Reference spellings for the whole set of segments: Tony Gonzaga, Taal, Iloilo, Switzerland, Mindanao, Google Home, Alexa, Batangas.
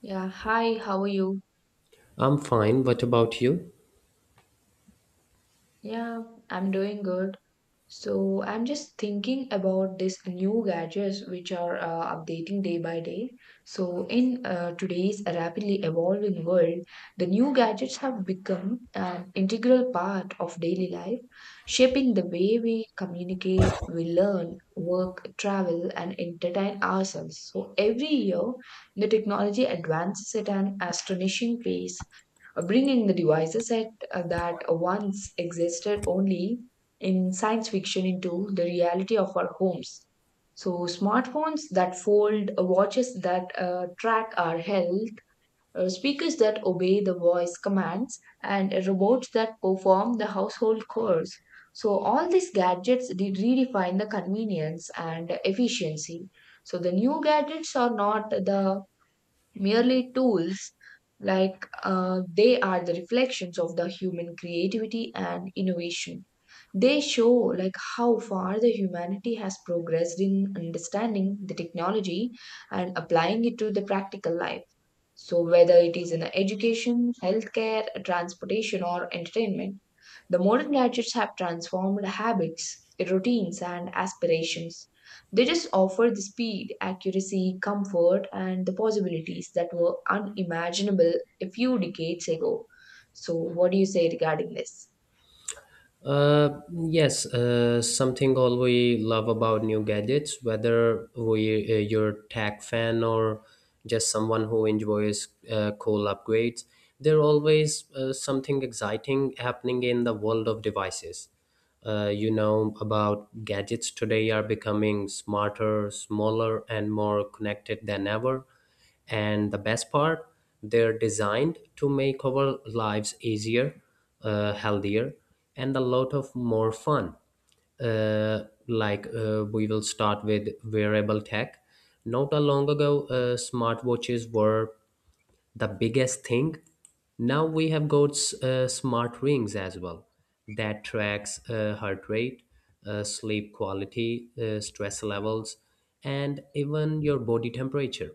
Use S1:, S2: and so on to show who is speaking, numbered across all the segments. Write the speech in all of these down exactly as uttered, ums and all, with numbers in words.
S1: Yeah, hi, how are you?
S2: I'm fine. What about you?
S1: Yeah, I'm doing good. So, I'm just thinking about these new gadgets which are uh, updating day by day. So, in uh, today's rapidly evolving world, the new gadgets have become an integral part of daily life, shaping the way we communicate, we learn, work, travel, and entertain ourselves. So, every year, the technology advances at an astonishing pace bringing the devices at uh, that once existed only in science fiction into the reality of our homes. So, smartphones that fold, uh, watches that uh, track our health, uh, speakers that obey the voice commands, and robots that perform the household chores. So, all these gadgets did redefine the convenience and efficiency. So, the new gadgets are not the merely tools like uh, they are the reflections of the human creativity and innovation. They show like how far the humanity has progressed in understanding the technology and applying it to the practical life. So, whether it is in education, healthcare, transportation, or entertainment, the modern gadgets have transformed habits, routines, and aspirations. They just offer the speed, accuracy, comfort, and the possibilities that were unimaginable a few decades ago. So, what do you say regarding this?
S2: Uh, yes, uh, Something all we love about new gadgets, whether we uh, you're tech fan or just someone who enjoys uh, cool upgrades, there always uh, something exciting happening in the world of devices. Uh, you know about gadgets today are becoming smarter, smaller, and more connected than ever. And the best part, they're designed to make our lives easier, uh, healthier, and a lot of more fun. Uh, like uh, we will start with wearable tech. Not a long ago, uh, smartwatches were the biggest thing. Now we have got uh, smart rings as well that tracks uh, heart rate, uh, sleep quality, uh, stress levels, and even your body temperature,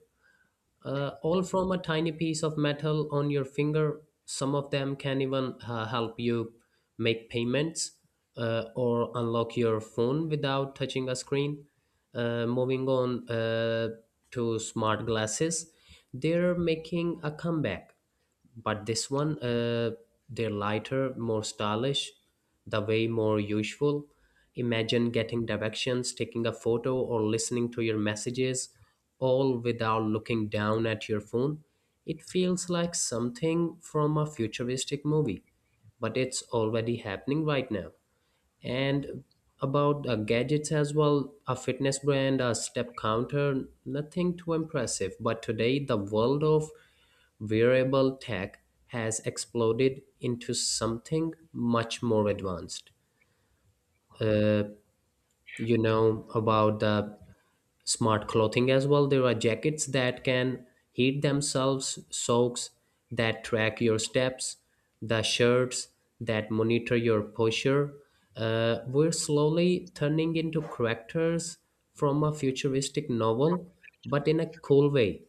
S2: uh, all from a tiny piece of metal on your finger. Some of them can even uh, help you make payments uh, or unlock your phone without touching a screen. Uh, moving on uh, to smart glasses, they're making a comeback, but this one uh, they're lighter, more stylish, the way more useful. Imagine getting directions, taking a photo, or listening to your messages, all without looking down at your phone. It feels like something from a futuristic movie, but it's already happening right now. And about uh, gadgets as well, a fitness brand, a step counter, nothing too impressive, but today the world of wearable tech has exploded into something much more advanced. Uh, you know about the smart clothing as well. There are jackets that can heat themselves, socks that track your steps, the shirts that monitor your posture. Uh, we're slowly turning into characters from a futuristic novel, but in a cool way.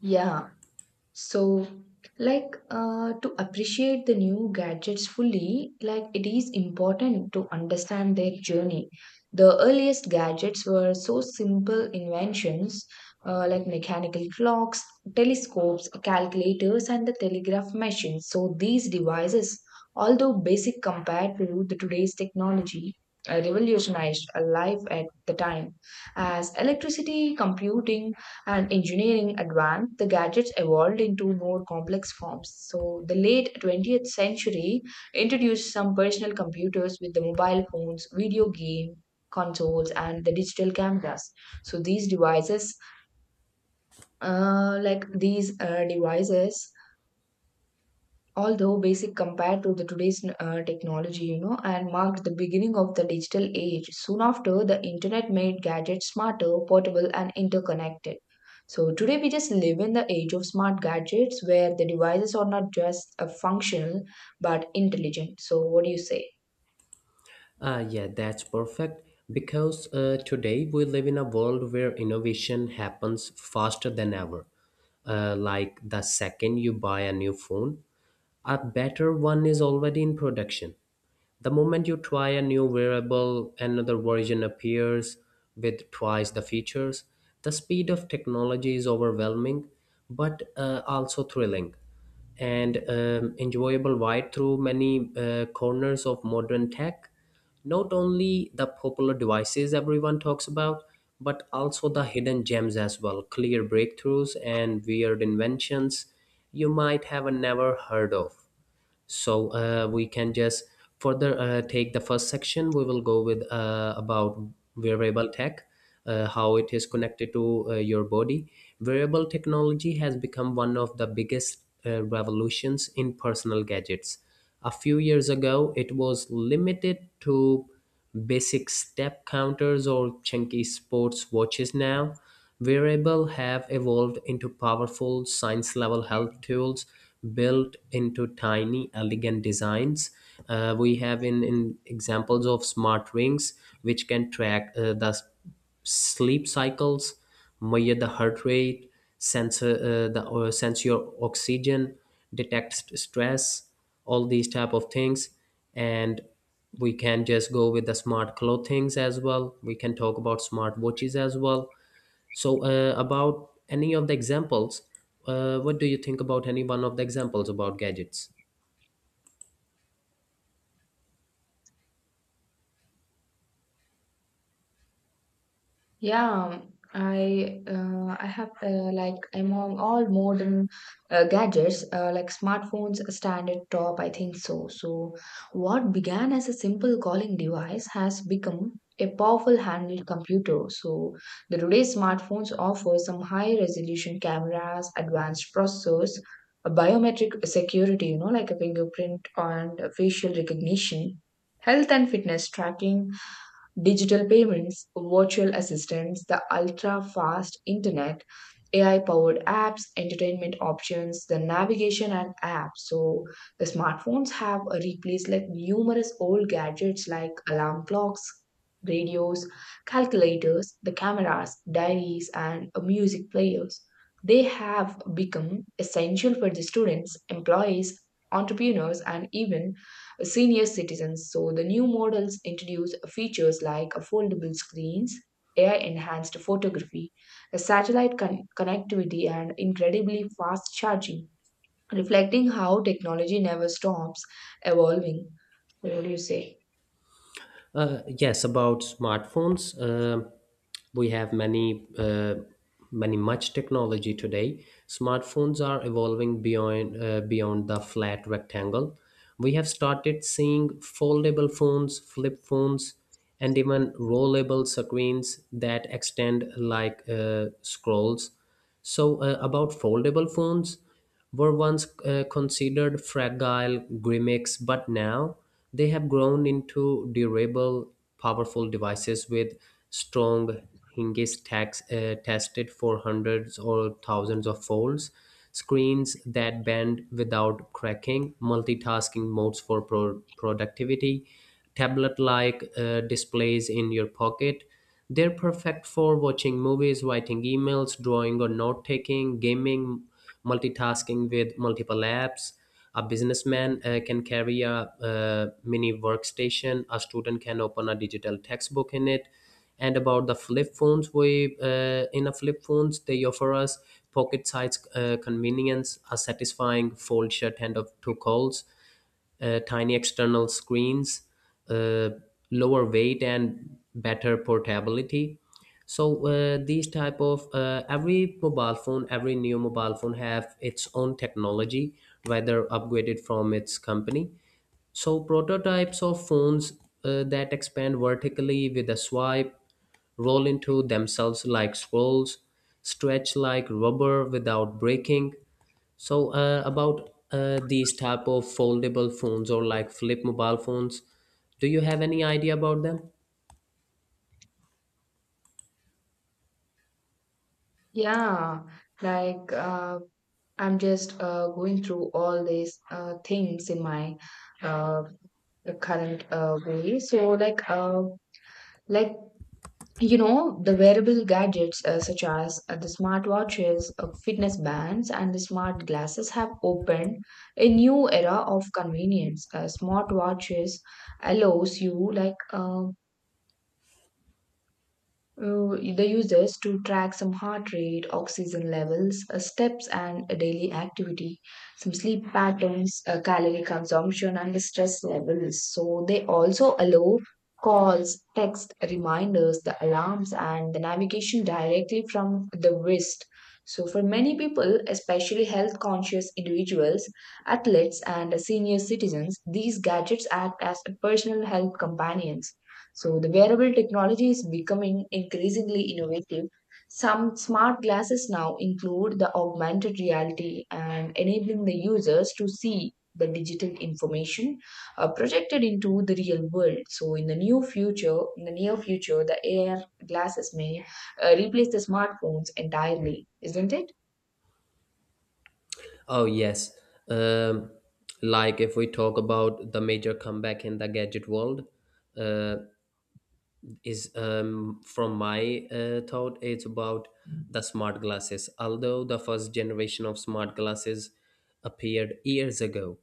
S1: Yeah. So, like uh, to appreciate the new gadgets fully, like it is important to understand their journey. The earliest gadgets were so simple inventions uh, like mechanical clocks, telescopes, calculators, and the telegraph machines. So, these devices, although basic compared to the today's technology, uh, revolutionized uh, life at the time as electricity computing and engineering advanced, the gadgets evolved into more complex forms. So, the late twentieth century introduced some personal computers with the mobile phones, video game consoles, and the digital cameras. So, these devices, uh, like these uh, devices, although basic compared to the today's uh, technology, you know, and marked the beginning of the digital age. Soon after, the internet made gadgets smarter, portable, and interconnected. So today we just live in the age of smart gadgets where the devices are not just uh, functional but intelligent. So what do you say?
S2: Uh, yeah, that's perfect. Because uh, today we live in a world where innovation happens faster than ever. Uh, like the second you buy a new phone, a better one is already in production. The moment you try a new wearable, another version appears with twice the features. The speed of technology is overwhelming, but uh, also thrilling and um, enjoyable right through many uh, corners of modern tech. Not only the popular devices everyone talks about, but also the hidden gems as well, clear breakthroughs and weird inventions you might have never heard of. So uh, we can just further uh, take the first section. We will go with uh, about wearable tech, uh, how it is connected to uh, your body. Wearable technology has become one of the biggest uh, revolutions in personal gadgets. A few years ago it was limited to basic step counters or chunky sports watches. Now wearables have evolved into powerful, science-level health tools built into tiny, elegant designs. Uh, we have in, in examples of smart rings, which can track uh, the s- sleep cycles, measure the heart rate, sensor uh, the or sense your oxygen, detect st- stress, all these type of things, and we can just go with the smart clothings as well. We can talk about smart watches as well. So, uh, about any of the examples, uh, what do you think about any one of the examples about gadgets?
S1: Yeah, I uh, I have uh, like among all modern uh, gadgets uh, like smartphones stand at top, I think so. So what began as a simple calling device has become a powerful handheld computer. So the today's smartphones offer some high resolution cameras, advanced processors, a biometric security, you know, like a fingerprint and facial recognition, health and fitness tracking, Digital payments, virtual assistants, the ultra fast internet, A I powered apps, entertainment options, the navigation and apps. So, the smartphones have replaced like numerous old gadgets like alarm clocks, radios, calculators, the cameras, diaries, and uh, music players. They have become essential for the students, employees, entrepreneurs, and even senior citizens. So the new models introduce features like foldable screens, A I enhanced photography, satellite con- connectivity, and incredibly fast charging, reflecting how technology never stops evolving. So, what do you say?
S2: Uh, yes, about smartphones. Uh, we have many, uh, many much technology today. Smartphones are evolving beyond uh, beyond the flat rectangle. We have started seeing foldable phones, flip phones, and even rollable screens that extend like uh, scrolls. So, uh, about foldable phones. Were once uh, considered fragile gimmicks, but now they have grown into durable, powerful devices with strong hinges tax, uh, tested for hundreds or thousands of folds, screens that bend without cracking, multitasking modes for pro- productivity, tablet like uh, displays in your pocket. They're perfect for watching movies, writing emails, drawing or note taking, gaming, multitasking with multiple apps. A businessman uh, can carry a uh, mini workstation. A student can open a digital textbook in it. And about the flip phones, we uh, in a flip phones they offer us pocket-sized uh, convenience, a satisfying fold shut hand of two calls, uh, tiny external screens, uh, lower weight, and better portability. So uh, these type of uh, every mobile phone, every new mobile phone have its own technology, whether upgraded from its company. So prototypes of phones uh, that expand vertically with a swipe, roll into themselves like scrolls, stretch like rubber without breaking. So uh, about uh, these type of foldable phones or like flip mobile phones, do you have any idea about them?
S1: Yeah, like uh, I'm just uh, going through all these uh, things in my uh, current uh, way. So like uh, like you know, the wearable gadgets uh, such as uh, the smartwatches, uh, fitness bands, and the smart glasses have opened a new era of convenience. Uh, smartwatches allows you like uh, uh, they use to track some heart rate, oxygen levels, uh, steps, and uh, daily activity, some sleep patterns, uh, calorie consumption, and the stress levels. So they also allow calls, text reminders, the alarms, and the navigation directly from the wrist. So for many people, especially health conscious individuals, athletes, and senior citizens, these gadgets act as personal health companions. So the wearable technology is becoming increasingly innovative. Some smart glasses now include the augmented reality and enabling the users to see the digital information uh, projected into the real world. So in the new future, in the near future, the A R glasses may uh, replace the smartphones entirely, isn't it?
S2: Oh yes, um, like if we talk about the major comeback in the gadget world, uh, is um, from my uh, thought it's about the smart glasses. Although the first generation of smart glasses appeared years ago,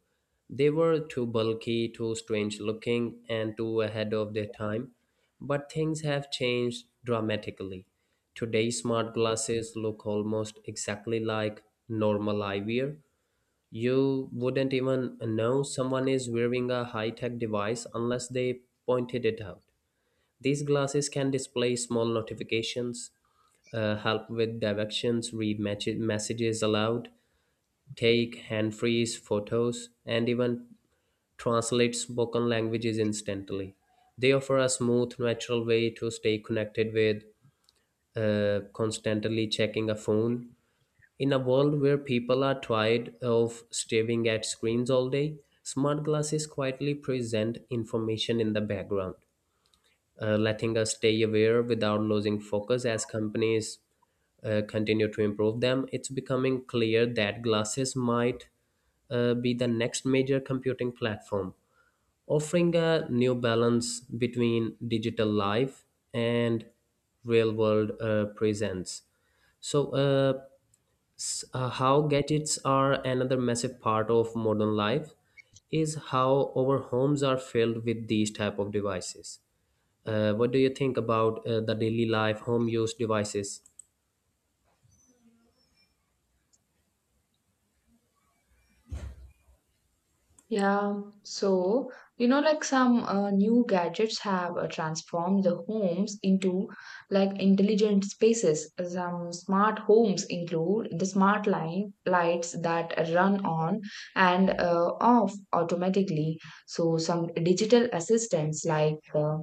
S2: they were too bulky, too strange looking, and too ahead of their time, but things have changed dramatically. Today smart glasses look almost exactly like normal eyewear. You wouldn't even know someone is wearing a high-tech device unless they pointed it out. These glasses can display small notifications, uh, help with directions, read match- messages aloud, take hand freeze photos, and even translate spoken languages instantly. They offer a smooth, natural way to stay connected with uh, constantly checking a phone. In a world where people are tired of staring at screens all day, smart glasses quietly present information in the background, uh, letting us stay aware without losing focus. As companies uh, continue to improve them, it's becoming clear that glasses might uh, be the next major computing platform, offering a new balance between digital life and real world uh, presence. So, uh, s- uh, how gadgets are another massive part of modern life is how our homes are filled with these type of devices. Uh, what do you think about uh, the daily life home use devices?
S1: Yeah, so you know, like some uh, new gadgets have uh, transformed the homes into like intelligent spaces. Some smart homes include the smart line lights that run on and uh, off automatically. So some digital assistants like uh,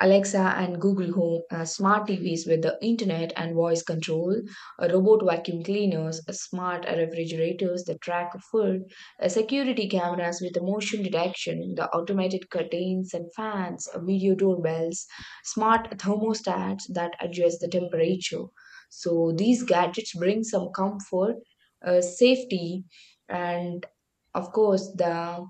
S1: Alexa and Google Home, uh, smart T Vs with the internet and voice control, uh, robot vacuum cleaners, uh, smart refrigerators that track food, uh, security cameras with the motion detection, the automated curtains and fans, uh, video doorbells, smart thermostats that adjust the temperature. So these gadgets bring some comfort, uh, safety, and of course the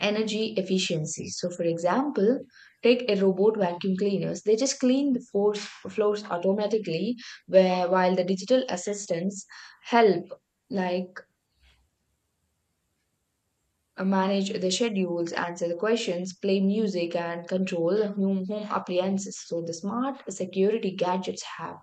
S1: energy efficiency. So, for example, take a robot vacuum cleaners. They just clean the floors, floors automatically, where while the digital assistants help, like uh, manage the schedules, answer the questions, play music, and control home, home appliances. So, the smart security gadgets have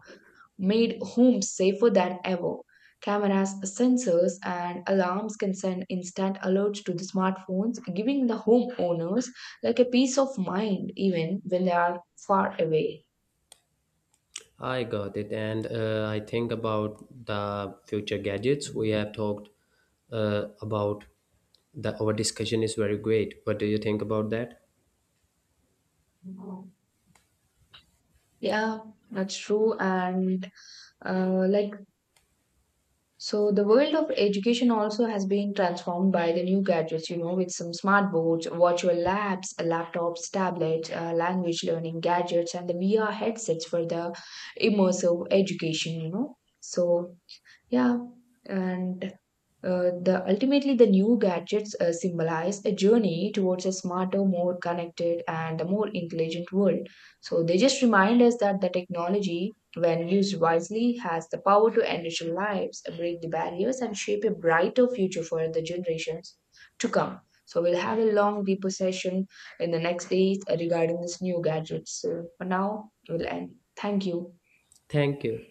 S1: made homes safer than ever. Cameras, sensors, and alarms can send instant alerts to the smartphones, giving the homeowners like a peace of mind even when they are far away.
S2: I got it. And uh, I think about the future gadgets we have talked uh, about. The, our discussion is very great. What do you think about that?
S1: Yeah, that's true. And uh, like so the world of education also has been transformed by the new gadgets, you know, with some smart boards, virtual labs, laptops, tablets, uh, language learning gadgets, and the V R headsets for the immersive education, you know. So yeah, and uh, the ultimately the new gadgets uh, symbolize a journey towards a smarter, more connected, and a more intelligent world. So they just remind us that the technology, when used wisely, has the power to enrich our lives, break the barriers, and shape a brighter future for the generations to come. So we'll have a long deeper session in the next days regarding this new gadgets. So for now, we'll end. Thank you.
S2: Thank you.